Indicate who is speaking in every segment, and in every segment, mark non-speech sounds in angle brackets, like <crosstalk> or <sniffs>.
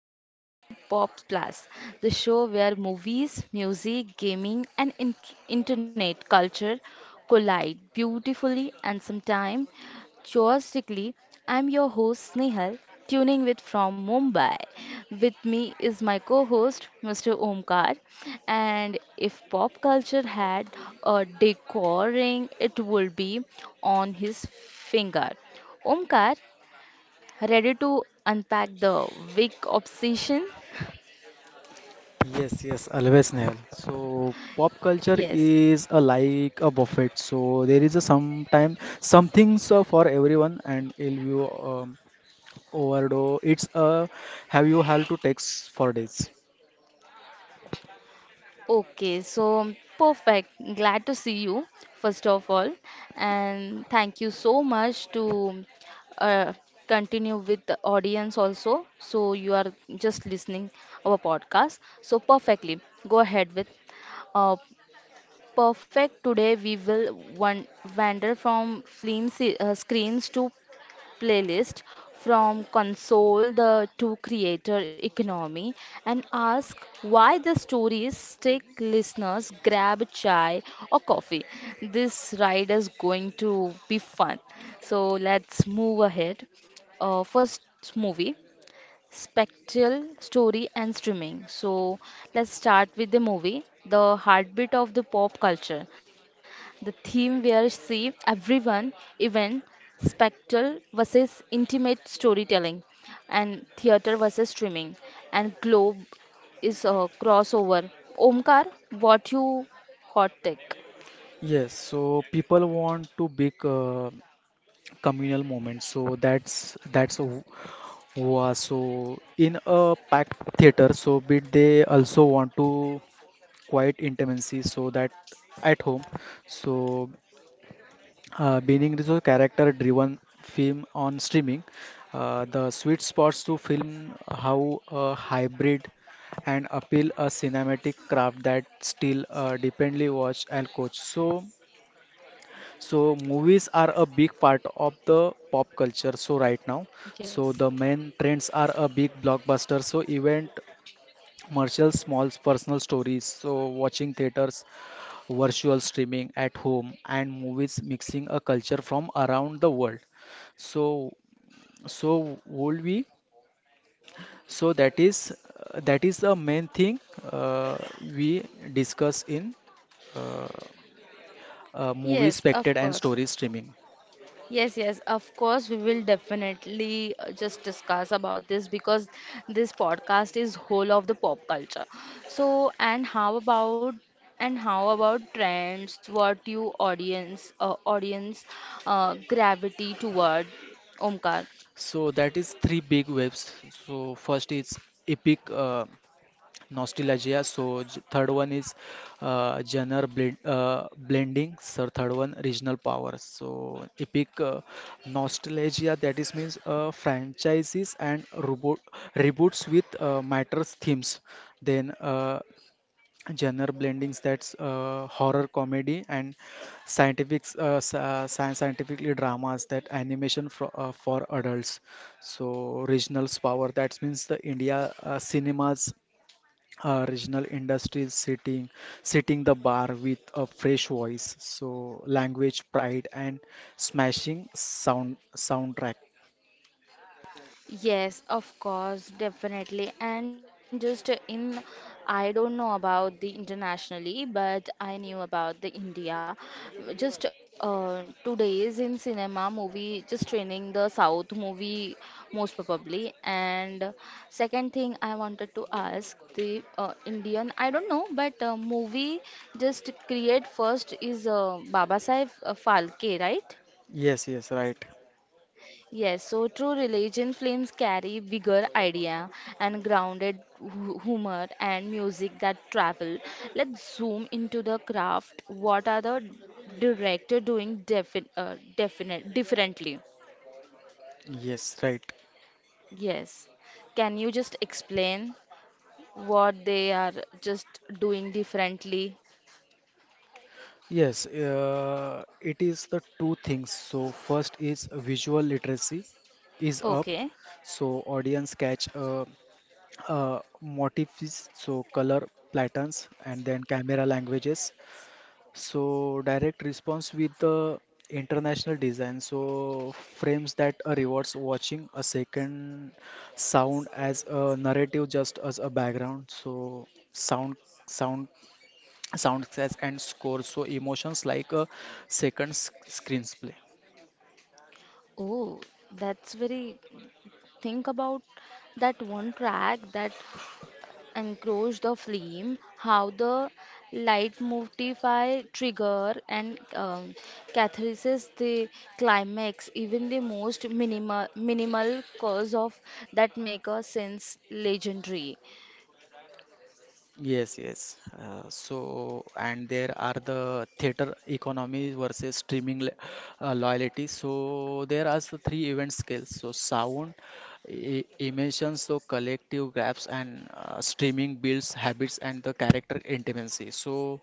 Speaker 1: welcome to Pop Plus, the show where movies, music, gaming, and internet culture collide beautifully and sometimes joyously. I'm your host Snehal, tuning with from Mumbai. With me is my co-host Mr. Omkar, and if pop culture had a decor ring, it would be on his finger. Omkar, ready to unpack the Vic obsession?
Speaker 2: Yes, yes, always Nehal. So pop culture
Speaker 1: Yes.
Speaker 2: is a like a buffet. So there is a sometime some things for everyone, and if you overdose, it's a have you have to text for days.
Speaker 1: Okay, so perfect. Glad to see you, first of all. And thank you so much to uh, continue with the audience also. So you are just listening our podcast. So perfectly. Go ahead with uh, perfect. Today we will wander from screens to playlist from console the to creator economy and ask why the stories stick, listeners grab a chai or coffee, this ride is going to be fun. So let's move ahead. First, movie, spectral story and streaming. So let's start with the movie, the heartbeat of the pop culture. The theme we are see everyone, even spectral versus intimate storytelling and theater versus streaming, and globe is a crossover. Omkar, what you hot take?
Speaker 2: Yes, so people want to big communal moment. So that's who are so in a packed theater. So but they also want to quiet intimacy. So that at home. So being is a character-driven film on streaming, the sweet spots to film how a hybrid and appeal a cinematic craft that still dependently watch and coach. So, so movies are a big part of the pop culture. So right now,
Speaker 1: Yes,
Speaker 2: so the main trends are a big blockbuster. So event Marshall Small's personal stories, so watching theaters, virtual streaming at home, and movies mixing a culture from around the world. So, so would we? So that is the main thing we discuss in uh, movie
Speaker 1: yes, of
Speaker 2: spectated and
Speaker 1: course.
Speaker 2: story streaming.
Speaker 1: Yes, yes, of course, we will definitely just discuss about this because this podcast is whole of the pop culture. So, and how about trends? What you audience audience gravity toward, Omkar?
Speaker 2: So that is three big waves. So first is epic. Nostalgia so third one is genre blending so third one regional power so epic nostalgia that is means franchises and reboot reboots with matters themes then genre blendings, that's horror comedy and scientific scientifically dramas that animation for adults. So regional power that means the india cinemas, regional industries sitting the bar with a fresh voice, so language pride and smashing sound soundtrack.
Speaker 1: Yes, of course, definitely. And just I don't know about the internationally, but I knew about the India. Just 2 days in cinema movie, just training the South movie most probably. And second thing I wanted to ask the Indian, I don't know, but movie just create first is Baba Saheb Phalke, right?
Speaker 2: Yes, yes, right.
Speaker 1: Yes, so true religion films carry bigger idea and grounded humor and music that travel. Let's zoom into the craft. What are the director doing definite differently?
Speaker 2: Yes, right.
Speaker 1: Yes. Can you just explain what they are just doing differently?
Speaker 2: Yes, it is the two things. So first is visual literacy is up.
Speaker 1: Okay.
Speaker 2: So audience catch motifs, so color patterns and then camera languages. So direct response with the international design. So frames that rewards watching a second, sound as a narrative, just as a background. So sound, sound, sound sets and score. So emotions like a second screenplay.
Speaker 1: Oh, that's very. Think about that one track that encroach the flame, how the light motify trigger and catharsis the climax, even the most minimal cause of that make a sense legendary.
Speaker 2: Yes, yes. So, and there are the theater economy versus streaming loyalty. So there are the three event scales. So sound, emotions, so collective grabs, and streaming builds habits and the character intimacy. So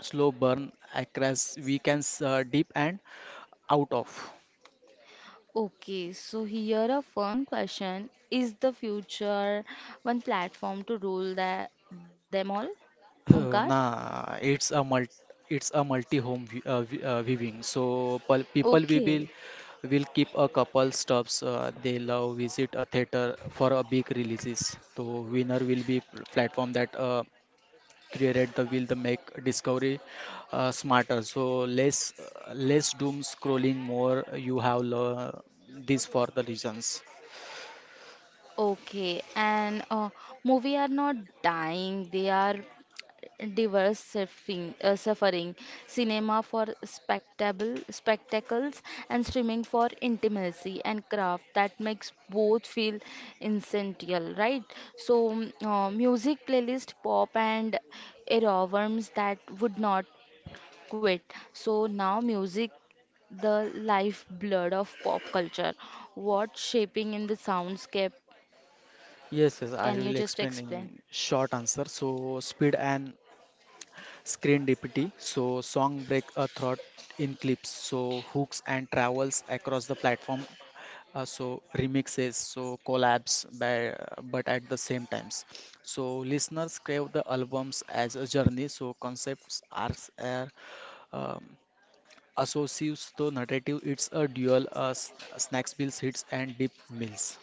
Speaker 2: slow burn across we can deep and out of.
Speaker 1: Okay, so here a fun question: is the future one platform to rule that them all? Omkar?
Speaker 2: Nah, it's a multi-home viewing. So people we
Speaker 1: Okay,
Speaker 2: will keep a couple stops. They love visit a theater for a big releases. So winner will be platform that create the will the make discovery smarter. So less doom scrolling, more you have this for the reasons.
Speaker 1: okay. And movie are not dying; they are diverse surfing, suffering, cinema for spectacle, spectacles, and streaming for intimacy and craft that makes both feel essential, right? So, music playlist, pop, and earworms that would not quit. So, now music the lifeblood of pop culture. What shaping in the soundscape?
Speaker 2: Yes, yes, I
Speaker 1: Can
Speaker 2: will
Speaker 1: you just
Speaker 2: explain
Speaker 1: explain?
Speaker 2: in short answer. So speed and Screen Deputy. So song break a thought in clips, so hooks and travels across the platform. So remixes, so collabs, by, but at the same times. So listeners crave the albums as a journey. So concepts arcs are um, associates to narrative. It's a dual snacks, bills, hits, and deep meals.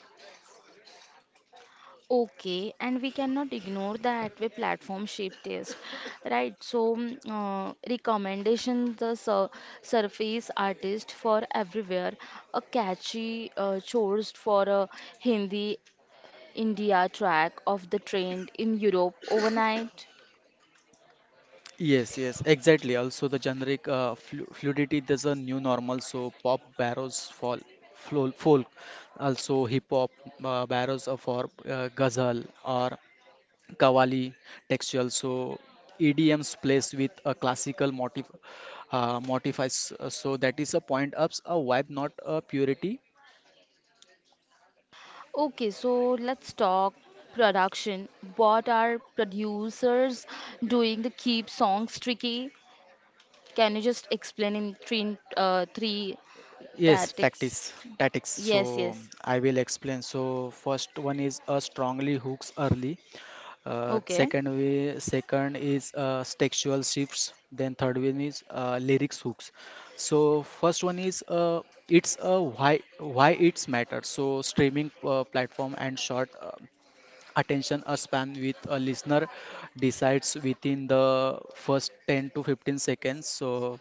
Speaker 1: Okay, and we cannot ignore that way platform shape taste, right? So, recommendations the surface artist for everywhere, a catchy choice for a Hindi India track of the trend in Europe overnight.
Speaker 2: Yes, yes, exactly. Also, the generic fluidity is a new normal. So pop barrows for folk, also hip hop barrows are for ghazal or qawwali textual. So EDMs plays with a classical motif modifies. So that is a point ups, a vibe, not a purity.
Speaker 1: Okay, so let's talk production. What are producers doing to keep songs tricky? Can you just explain in three
Speaker 2: Yes,
Speaker 1: tactics?
Speaker 2: tactics. So
Speaker 1: Yes, yes.
Speaker 2: I will explain. So first one is a strongly hooks early.
Speaker 1: Okay.
Speaker 2: Second is textual shifts. Then third one is lyrics hooks. So first one is it's why it's matter. So streaming platform and short attention span with a listener decides within the first 10 to 15 seconds. So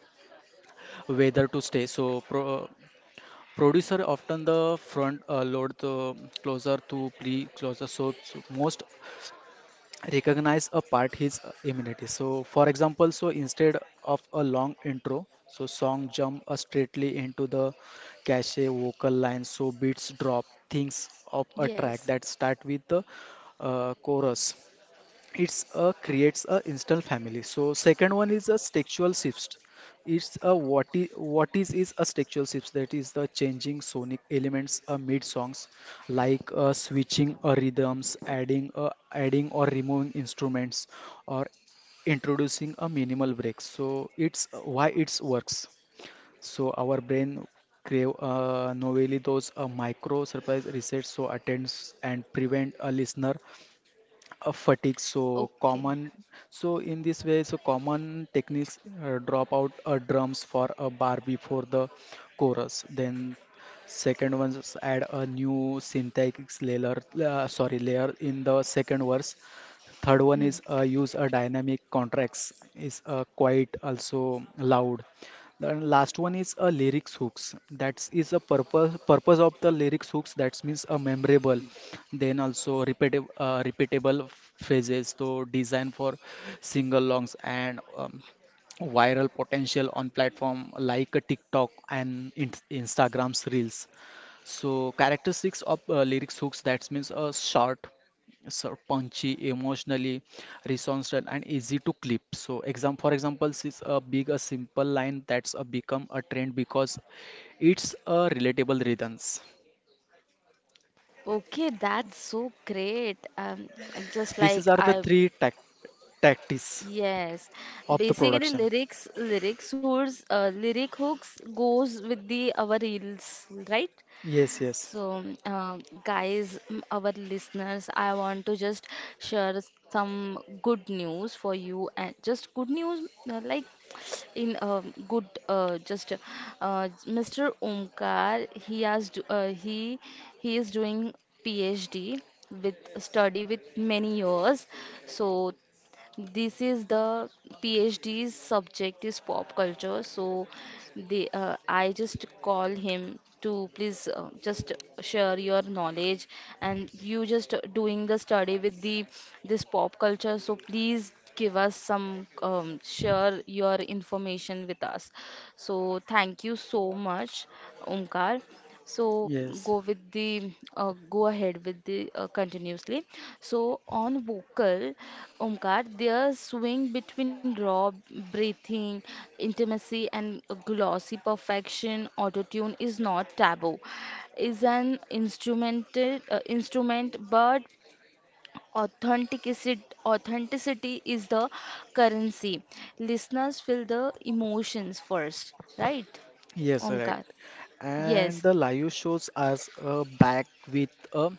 Speaker 2: whether to stay. So producer often the front load the closer to pre closer, so so most recognize a part his immunity. So for example, so instead of a long intro, so song jump straightly into the cachet vocal line, so beats drop things of a track
Speaker 1: Yes.
Speaker 2: that start with the chorus. It's a creates a instant family. So second one is a textual shift. It's a what is a textual shift that is the changing sonic elements mid songs, like switching rhythms, adding or removing instruments, or introducing a minimal break. So it's why it's works. So our brain crave novelly those micro surprise resets, so attends and prevent a listener of fatigue. So
Speaker 1: Okay.
Speaker 2: common so in this way, so common techniques, drop out drums for a bar before the chorus. Then second one is add a new synthetic layer sorry layer in the second verse. Third one
Speaker 1: Hmm.
Speaker 2: is use a dynamic contracts, is quite also loud. The last one is a lyrics hooks. That is a purpose of the lyrics hooks. That means a memorable. Then also repeatable phrases. So design for single longs and viral potential on platform like a TikTok and in Instagram's reels. So characteristics of lyrics hooks that means short, so punchy, emotionally resourceful and easy to clip. So exam for example, is a big a simple line that's a become a trend because it's a relatable rhythms.
Speaker 1: Okay, that's so great. Just
Speaker 2: These
Speaker 1: like
Speaker 2: are the
Speaker 1: I,
Speaker 2: three tactics
Speaker 1: yes.
Speaker 2: of the
Speaker 1: Basically,
Speaker 2: production.
Speaker 1: lyric hooks goes with the our reels, right?
Speaker 2: Yes, yes,
Speaker 1: So, guys, our listeners, I want to just share some good news for you, and just good news, like <sniffs> in good, just Mr. Omkar, he he is doing PhD with study with many years. So this is the PhD's subject is pop culture, so they I just call him to please just share your knowledge and you just doing the study with the this pop culture, so please give us some share your information with us. So thank you so much, Omkar, so
Speaker 2: yes,
Speaker 1: go with the go ahead with the continuously. So on vocal, Omkar, there's swing between raw breathing intimacy and glossy perfection. Autotune is not taboo, is an instrumental instrument, but authenticity is the currency. Listeners feel the emotions first, right,
Speaker 2: yes, right.
Speaker 1: Omkar?
Speaker 2: And
Speaker 1: Yes.
Speaker 2: the live shows as a back with a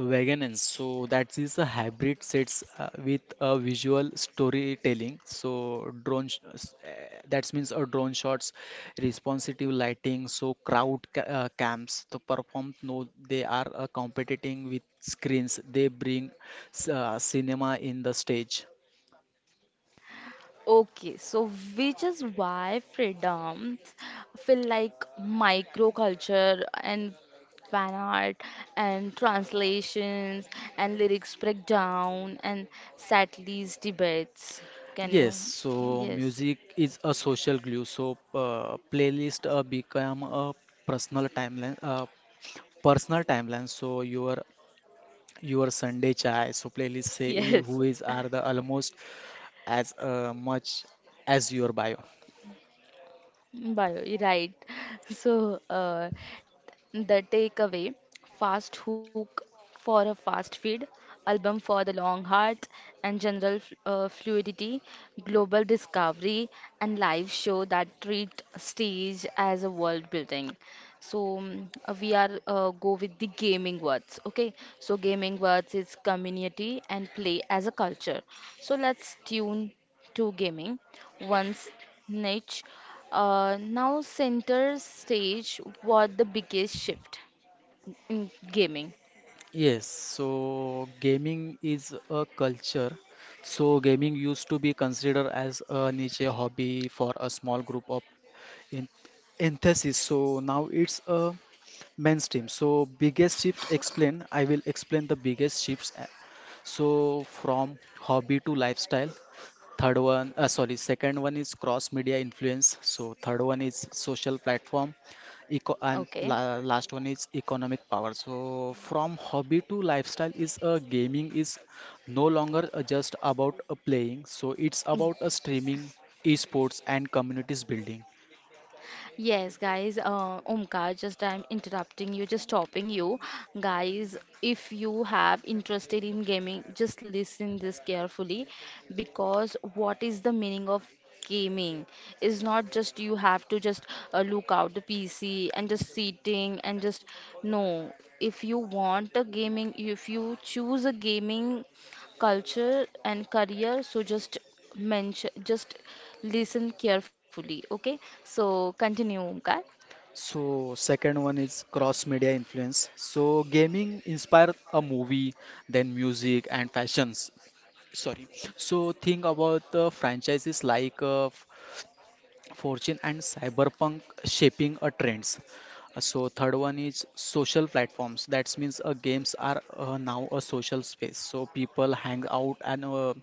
Speaker 2: Wagon. So that is a hybrid sets with a visual storytelling. So drone sh s- eh, that means a drone shots, responsive lighting, so crowd ca cams to perform. No, they are competing with screens. They bring cinema in the stage.
Speaker 1: Okay, so which is why freedom feel like microculture and fan art and translations and lyrics breakdown and Satle's debates. Can you?
Speaker 2: Yes, so
Speaker 1: Yes,
Speaker 2: music is a social glue. So playlist become a personal timeline, uh, personal timeline. So your Sunday chai. So playlist
Speaker 1: <laughs>
Speaker 2: say
Speaker 1: yes.
Speaker 2: who is are the almost as much as your bio.
Speaker 1: Bio, right. So, The Takeaway, Fast Hook for a Fast Feed, Album for the Long Heart, and Fluidity, Global Discovery, and Live Show that treat stage as a world building. So we are go with the gaming words. Okay, so gaming words is community and play as a culture. So let's tune to gaming, once niche, now center stage. What the biggest shift in gaming.
Speaker 2: Yes, so gaming is a culture. So gaming used to be considered as a niche hobby for a small group of in enthusiasts. So now it's a mainstream. So biggest shift explain. I will explain the biggest shifts. So from hobby to lifestyle, second one is cross media influence. So third one is social platform, eco and
Speaker 1: Okay.
Speaker 2: la last one is economic power. So from hobby to lifestyle is gaming is no longer just about playing. So it's about streaming, esports and communities building.
Speaker 1: Yes, guys, Omkar, just I'm interrupting you, just stopping you. Guys, if you have interested in gaming, just listen this carefully because what is the meaning of gaming is not just you have to just look out the PC and just sitting and just no. If you want a gaming, if you choose a gaming culture and career. So just mention, just listen carefully. Okay. So continue, Omkar.
Speaker 2: So second one is cross media influence. So gaming inspired a movie, then music and fashions. Sorry. So think about the franchises like Fortune and Cyberpunk shaping a trends. So third one is social platforms. That means games are now a social space. So people hang out and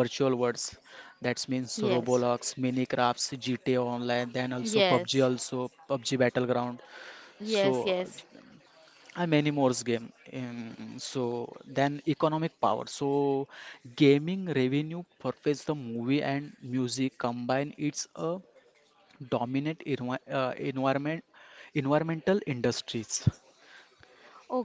Speaker 2: virtual worlds. That means
Speaker 1: Yes.
Speaker 2: Roblox, Minecraft, GTA Online, then also PUBG,
Speaker 1: Yes.
Speaker 2: also PUBG Battleground. So
Speaker 1: Yes. Yes.
Speaker 2: many more game so then economic power, so gaming revenue purchase the movie and music combine, it's a dominant environmental industries.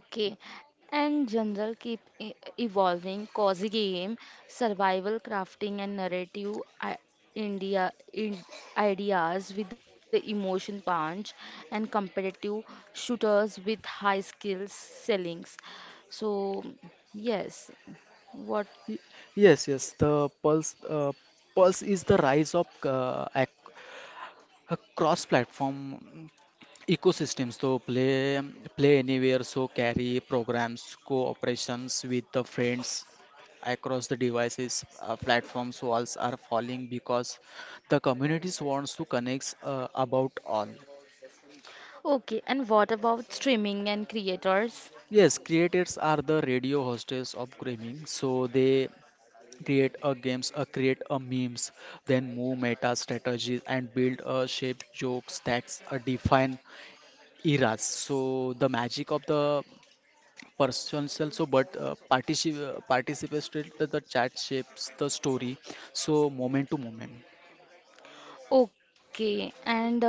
Speaker 1: Okay, and general keep evolving, cozy game, survival crafting, and narrative I India in ideas with the emotion punch, and competitive shooters with high skills sellings. So yes, what.
Speaker 2: Y- Yes, yes. Pulse is the rise of ac cross-platform ecosystems. So play anywhere. So carry programs, cooperations with the friends across the devices. Platforms walls are falling because the communities wants to connect about all.
Speaker 1: Okay, and what about streaming and creators?
Speaker 2: Yes, creators are the radio hostess of gaming, so they create a memes, then move meta strategies and build a shape jokes that define eras. So the magic of the person also but participated the chat shapes the story so moment to moment.
Speaker 1: Okay, and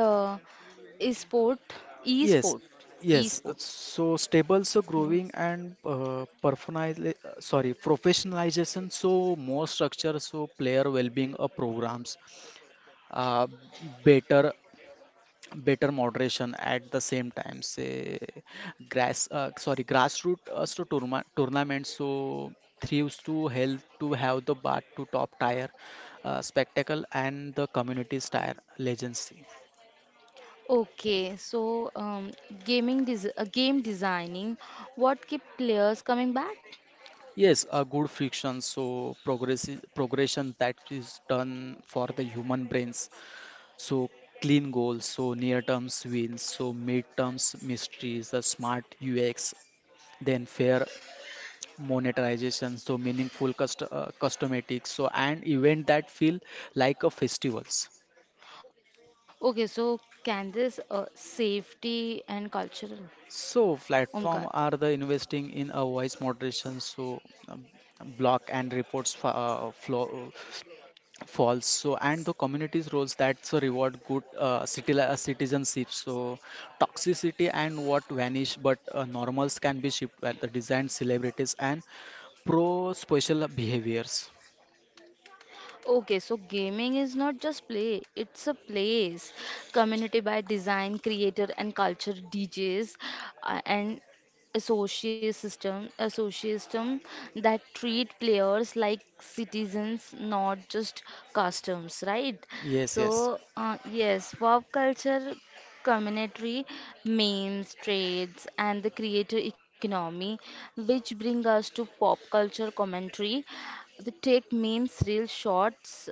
Speaker 1: e-sport, e-sport,
Speaker 2: Yes,
Speaker 1: e-sport.
Speaker 2: yes, so stable,
Speaker 1: Mm.
Speaker 2: so growing and personali- sorry professionalization, so more structure, so player well-being programs, uh, better better moderation. At the same time say grassroots so tournament so thrives to help to have the bar to top tier spectacle and the community's tier legacy.
Speaker 1: Okay, so game designing, what keep players coming back?
Speaker 2: Yes, a good friction, so progression that is done for the human brains. So clean goals, so near terms wins, so mid terms mysteries the smart ux, then fair monetization, so meaningful customatics, so and event that feel like a festivals.
Speaker 1: Okay, so can this safety and cultural?
Speaker 2: So platform
Speaker 1: Omkar.
Speaker 2: are the investing in a voice moderation, so um, block and reports flow false, so and the communities roles that's a reward good city citizenship, so toxicity and what vanish but normals can be shipped at the design celebrities and pro special behaviors.
Speaker 1: Okay, so gaming is not just play, it's a place. Community by design, creator, and culture DJs, and a social system that treat players like citizens, not just customs, right?
Speaker 2: Yes,
Speaker 1: So,
Speaker 2: yes.
Speaker 1: yes, pop culture commentary, memes, trades, and the creator economy, which bring us to pop culture commentary, the take memes real shorts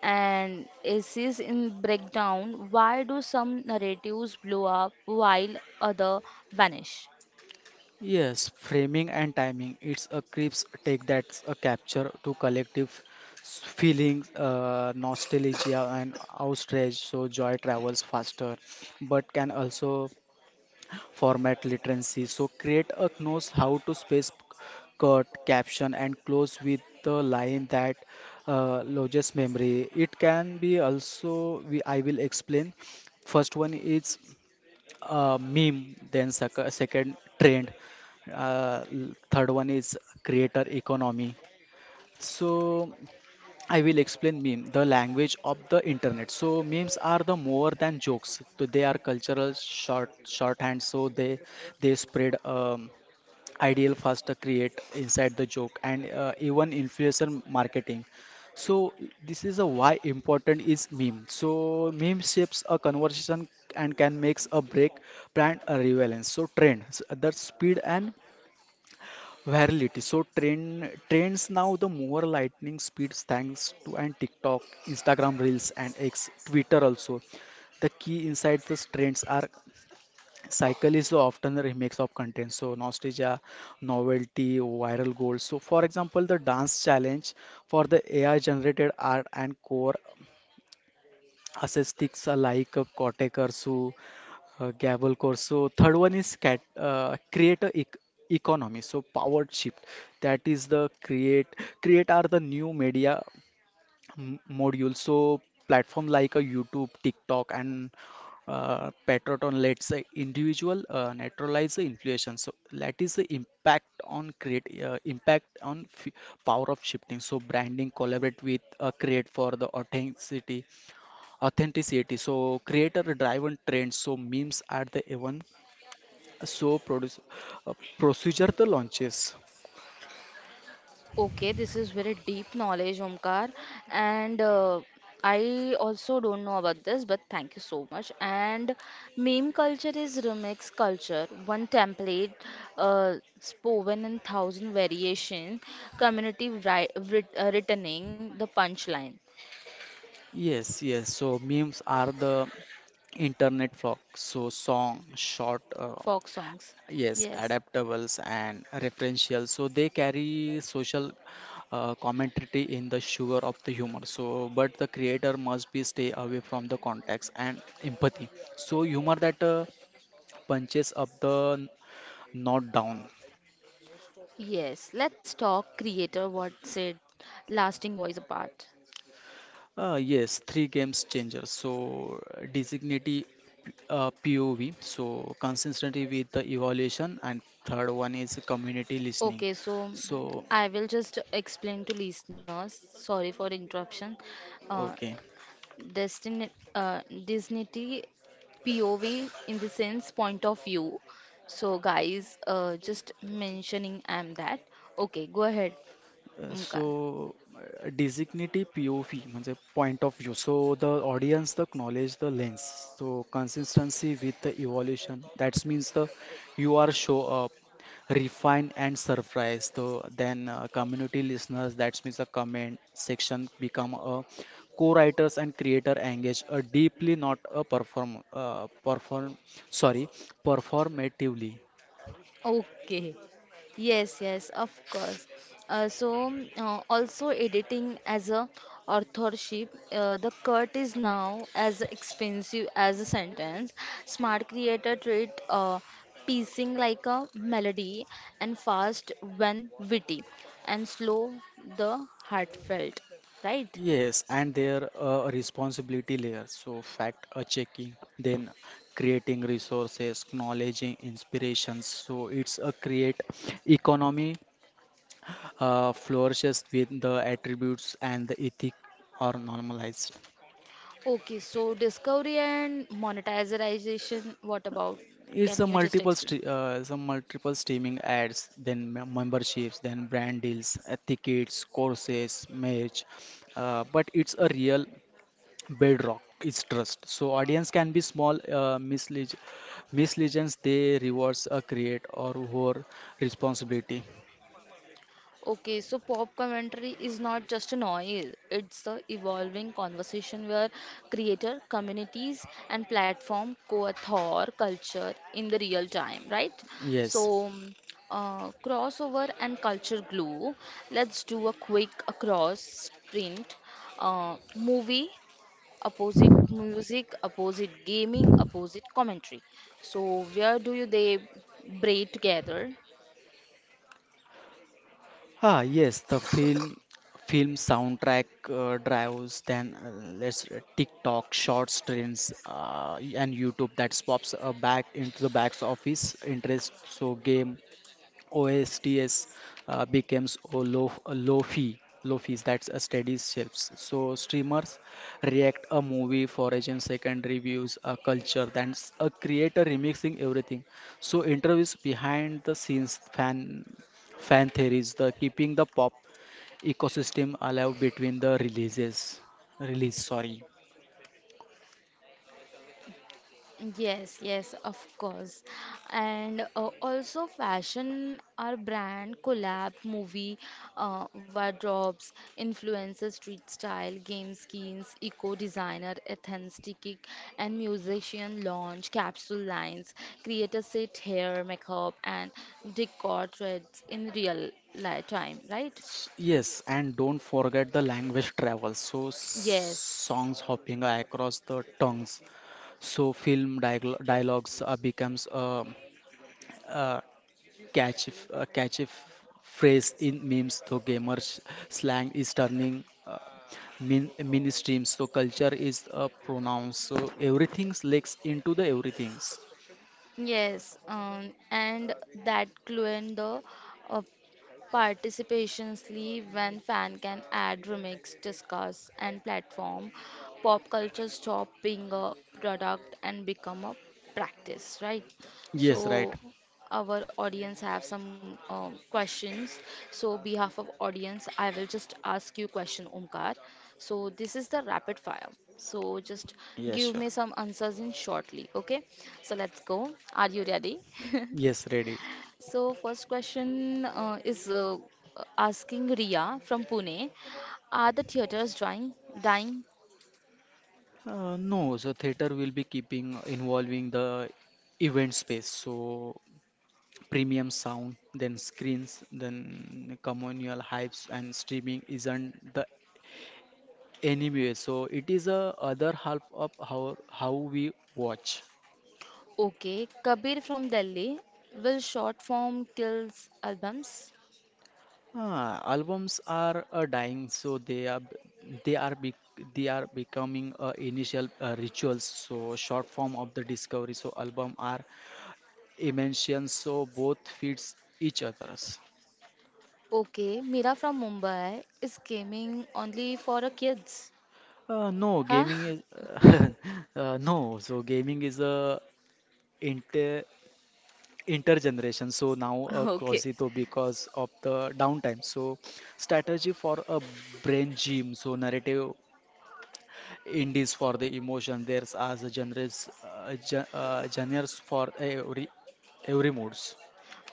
Speaker 1: and essays in breakdown. Why do some narratives blow up while other vanish?
Speaker 2: Yes, framing and timing. It's a crisp take that's a capture to collective feelings, nostalgia and outrage. So joy travels faster, but can also format literacy. So create a knows how to space cut, caption, and close with the line that lodges memory. It can be also, we, I will explain. First one is meme, then second trend, third one is creator economy, so I will explain meme, the language of the internet. So memes are the more than jokes. So they are cultural shorthand. So they spread ideal faster create inside the joke and even influencer marketing. So this is a why important is meme. So meme shapes a conversation and can makes a break brand a relevance. So trend, so the speed and virality. So trends now the more lightning speeds thanks to and TikTok, Instagram Reels and X, Twitter also. The key inside these trends are cycle is often a remix of content. So nostalgia, novelty, viral goals. So for example, the dance challenge for the AI generated art and core aesthetics are like a Cortex or Gable course. So third one is create a economy. So power shift. That is the create. Create are the new media module. So platform like a YouTube, TikTok, and Patreon lets the individual neutralize the inflation. So that is the impact on create impact on power of shifting. So branding collaborate with create for the authenticity so creator driven trends so memes are the even so produce procedure the launches
Speaker 1: Okay, this is very deep knowledge, Omkar. And I also don't know about this, but thank you so much. And meme culture is remix culture, one template spoken in thousand variations, community returning the punchline.
Speaker 2: yes yes so memes are the internet flock so song short
Speaker 1: Folk songs.
Speaker 2: yes
Speaker 1: Yes,
Speaker 2: adaptables and referential so they carry social commentary in the sugar of the humor so but the creator must be stay away from the context and empathy so humor that punches up the not down.
Speaker 1: yes. Let's talk creator. What's it? Lasting voice apart.
Speaker 2: Yes, three games changer. So designity POV. So consistency with the evaluation, and third one is community
Speaker 1: Okay,
Speaker 2: listening.
Speaker 1: so
Speaker 2: So
Speaker 1: I will just explain to listeners. Sorry for interruption. Uh,
Speaker 2: okay.
Speaker 1: Destiny, uh, Disney POV in the sense point of view. So, guys, just mentioning I'm that. Okay, go ahead,
Speaker 2: So,
Speaker 1: Omkar.
Speaker 2: designative POV, I mean point of view. So the audience the knowledge the lens. So consistency with the evolution. That means the you are show up, refine and surprise. So then community listeners. That means the comment section become a co-writers and creator engage a deeply, not a perform. Sorry, performatively.
Speaker 1: Okay. Yes, yes, of course. Also editing as a authorship, the cut is now as expensive as a sentence. Smart creator treat piecing like a melody and fast when witty and slow the heartfelt, right?
Speaker 2: Yes, and their responsibility layer. So, fact checking, then creating resources, acknowledging inspirations. So, it's a create economy flourishes with the attributes and the ethic are normalized.
Speaker 1: Okay, so discovery and monetization, what about?
Speaker 2: It's
Speaker 1: Can
Speaker 2: a
Speaker 1: you just
Speaker 2: multiple
Speaker 1: explain?
Speaker 2: stre some multiple streaming ads, then memberships, then brand deals, tickets, courses, merch. But it's a real bedrock is trust so audience can be small mislegions they rewards create or whore responsibility
Speaker 1: Okay, so pop commentary is not just a noise, it's the evolving conversation where creator communities and platform co-author culture in the real time, right? So,
Speaker 2: yes.
Speaker 1: mm, crossover and culture glue. Let's do a quick across sprint. Movie, opposite music, opposite gaming, opposite commentary. So, where do you they braid together?
Speaker 2: Yes, the film soundtrack drives then let's tiktok shorts trends and youtube that pops back into the back office interest so game OSTS becomes a low fee. Low fees, that's a steady shifts. So streamers react a movie for agent second reviews, a culture, that's a creator remixing everything. So interviews behind the scenes, fan theories, the keeping the pop ecosystem alive between the releases. Release, sorry.
Speaker 1: Yes, yes, of course. And also fashion or brand collab, movie, wardrobes, influencer street style, game skins, eco designer, authentic, and musician launch, capsule lines, creator set hair, makeup, and decor threads in real time, right?
Speaker 2: S- Yes, and don't forget the language travel. So
Speaker 1: Yes,
Speaker 2: songs hopping across the tongues. So dialogues becomes a catchy phrase in memes. So slang is turning min mainstream. So culture is a pronoun. So everything's legs into the everything's.
Speaker 1: yes, and that clue in the uh, Participations leave when fan can add, remix, discuss, and platform. Pop culture stop being a product and become a practice, right?
Speaker 2: Yes, right.
Speaker 1: So our audience have some questions. So behalf of audience, I will just ask you question, Omkar. So this is the rapid fire. So just
Speaker 2: Yes,
Speaker 1: give
Speaker 2: sure.
Speaker 1: me some answers in shortly, okay? So let's go. Are you ready? <laughs>
Speaker 2: Yes, ready.
Speaker 1: So, first question is asking Riya from Pune. Are the theaters drying, dying?
Speaker 2: No, so theater will be keeping involving the event space. So premium sound, then screens, then communal hypes, and streaming isn't the anyway so it is a other half of how we watch.
Speaker 1: Okay. Kabir from Delhi. Will short form kills albums?
Speaker 2: Albums are dying so they are bec they are becoming initial rituals so short form of the discovery so album are immension so both feeds each others.
Speaker 1: Okay. Mira from Mumbai. Is gaming only for a kids?
Speaker 2: No
Speaker 1: Huh?
Speaker 2: gaming is
Speaker 1: <laughs>
Speaker 2: <laughs> no so gaming is a inter intergeneration so now
Speaker 1: Okay.
Speaker 2: Crozito because of the downtime so strategy for a brain gym so narrative indies for the emotion there's as a genres for every moods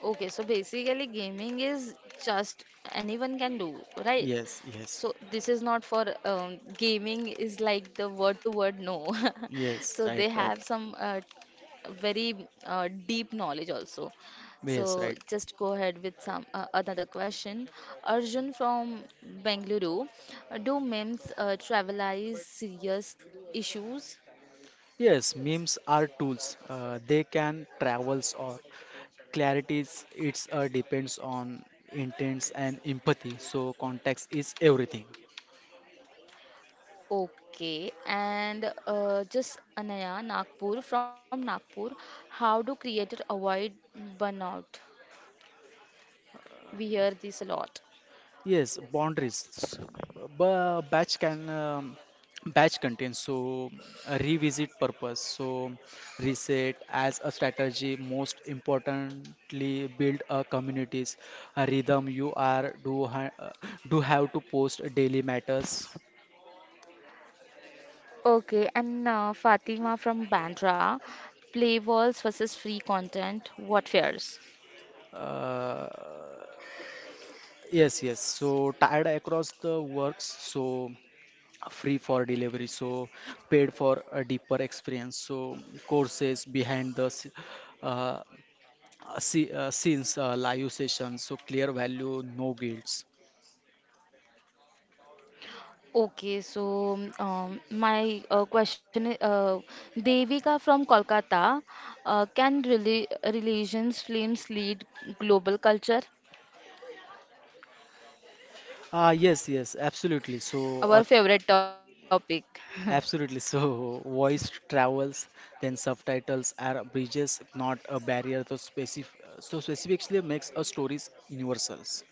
Speaker 1: Okay, so basically gaming is just anyone can do, right?
Speaker 2: yes yes
Speaker 1: So this is not for gaming is like the word to word no. <laughs>
Speaker 2: yes
Speaker 1: So
Speaker 2: right
Speaker 1: they
Speaker 2: right
Speaker 1: have some very deep knowledge also. So
Speaker 2: yes right
Speaker 1: just go ahead with some another question. Arjun from Bengaluru, do memes travelize serious issues?
Speaker 2: yes memes are tools they can travels or clarities it's depends on intents and empathy so context is everything.
Speaker 1: Okay, and just Anaya Nagpur from Nagpur, how do creators avoid burnout? We hear this a lot.
Speaker 2: Yes, boundaries. Batch can batch contains so a revisit purpose. So reset as a strategy. Most importantly, build a communities. A rhythm you are do have to post daily matters.
Speaker 1: Okay, and Fatima from Bandra, play walls versus free content, what fares?
Speaker 2: Uh, yes, yes. So tied across the works. So free for delivery. So paid for a deeper experience. So courses behind the uh, see, since live session, so clear value, no guilds.
Speaker 1: Okay, so my question is Devika from Kolkata, can religions films lead global culture?
Speaker 2: Yes, yes, absolutely. So,
Speaker 1: Our
Speaker 2: auth-
Speaker 1: favorite topic. <laughs>
Speaker 2: absolutely. So, <laughs> voice travels, then subtitles are bridges, not a barrier. So, specifically makes a stories universals.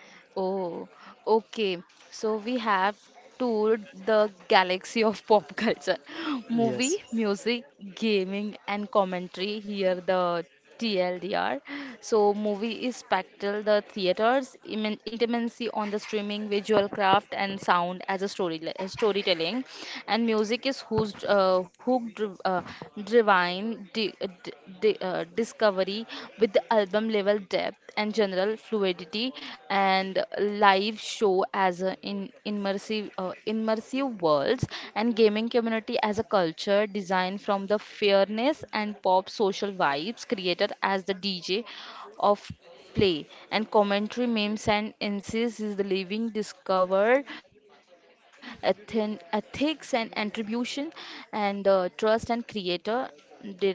Speaker 1: Oh, okay. So we have toured the galaxy of pop culture. <laughs>
Speaker 2: Yes,
Speaker 1: Movie, music, gaming, and commentary. Here the TLDR. So movie is spectral, the theaters, intimacy on the streaming, visual craft, and sound as a storytelling. And music is who's hooked, divine, di- di- di- discovery with the album level depth and general fluidity and live show as a in immersive worlds and gaming community as a culture designed from the fairness and pop social vibes created as the DJ of play and commentary, memes and insists is the living discovered ethics and attribution and trust and creator did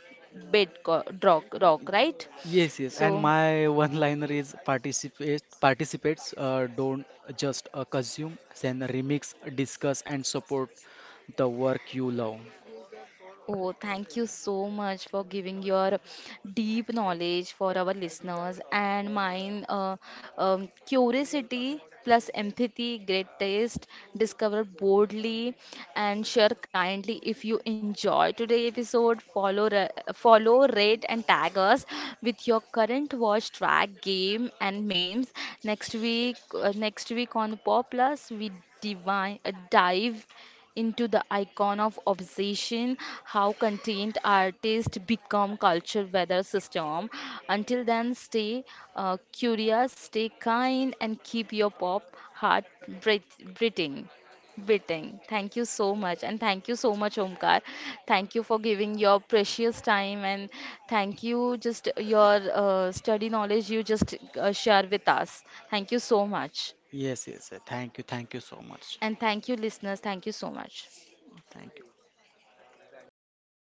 Speaker 1: Bed rock, right?
Speaker 2: yes,
Speaker 1: So,
Speaker 2: yes. And my <laughs> one-liner is participates. Don't just consume, then remix, discuss, and support the work you love.
Speaker 1: oh, thank you so much for giving your deep knowledge for our listeners and mine. Curiosity plus empathy, great taste, discover boldly and share kindly. If you enjoy today episode, follow, rate and tag us with your current watch track, game and memes. Next week on Pop Plus, we dive into the icon of obsession, how content artists become culture weather system. Until then, stay curious, stay kind and keep your pop heart breathing. Biting. Thank you so much. And thank you so much, Omkar. Thank you for giving your precious time. And thank you, just your study knowledge you just share with us. Thank you so much.
Speaker 2: Yes, yes, yes. Thank you so much.
Speaker 1: And thank you, listeners. Thank you so much.
Speaker 2: Well, thank you.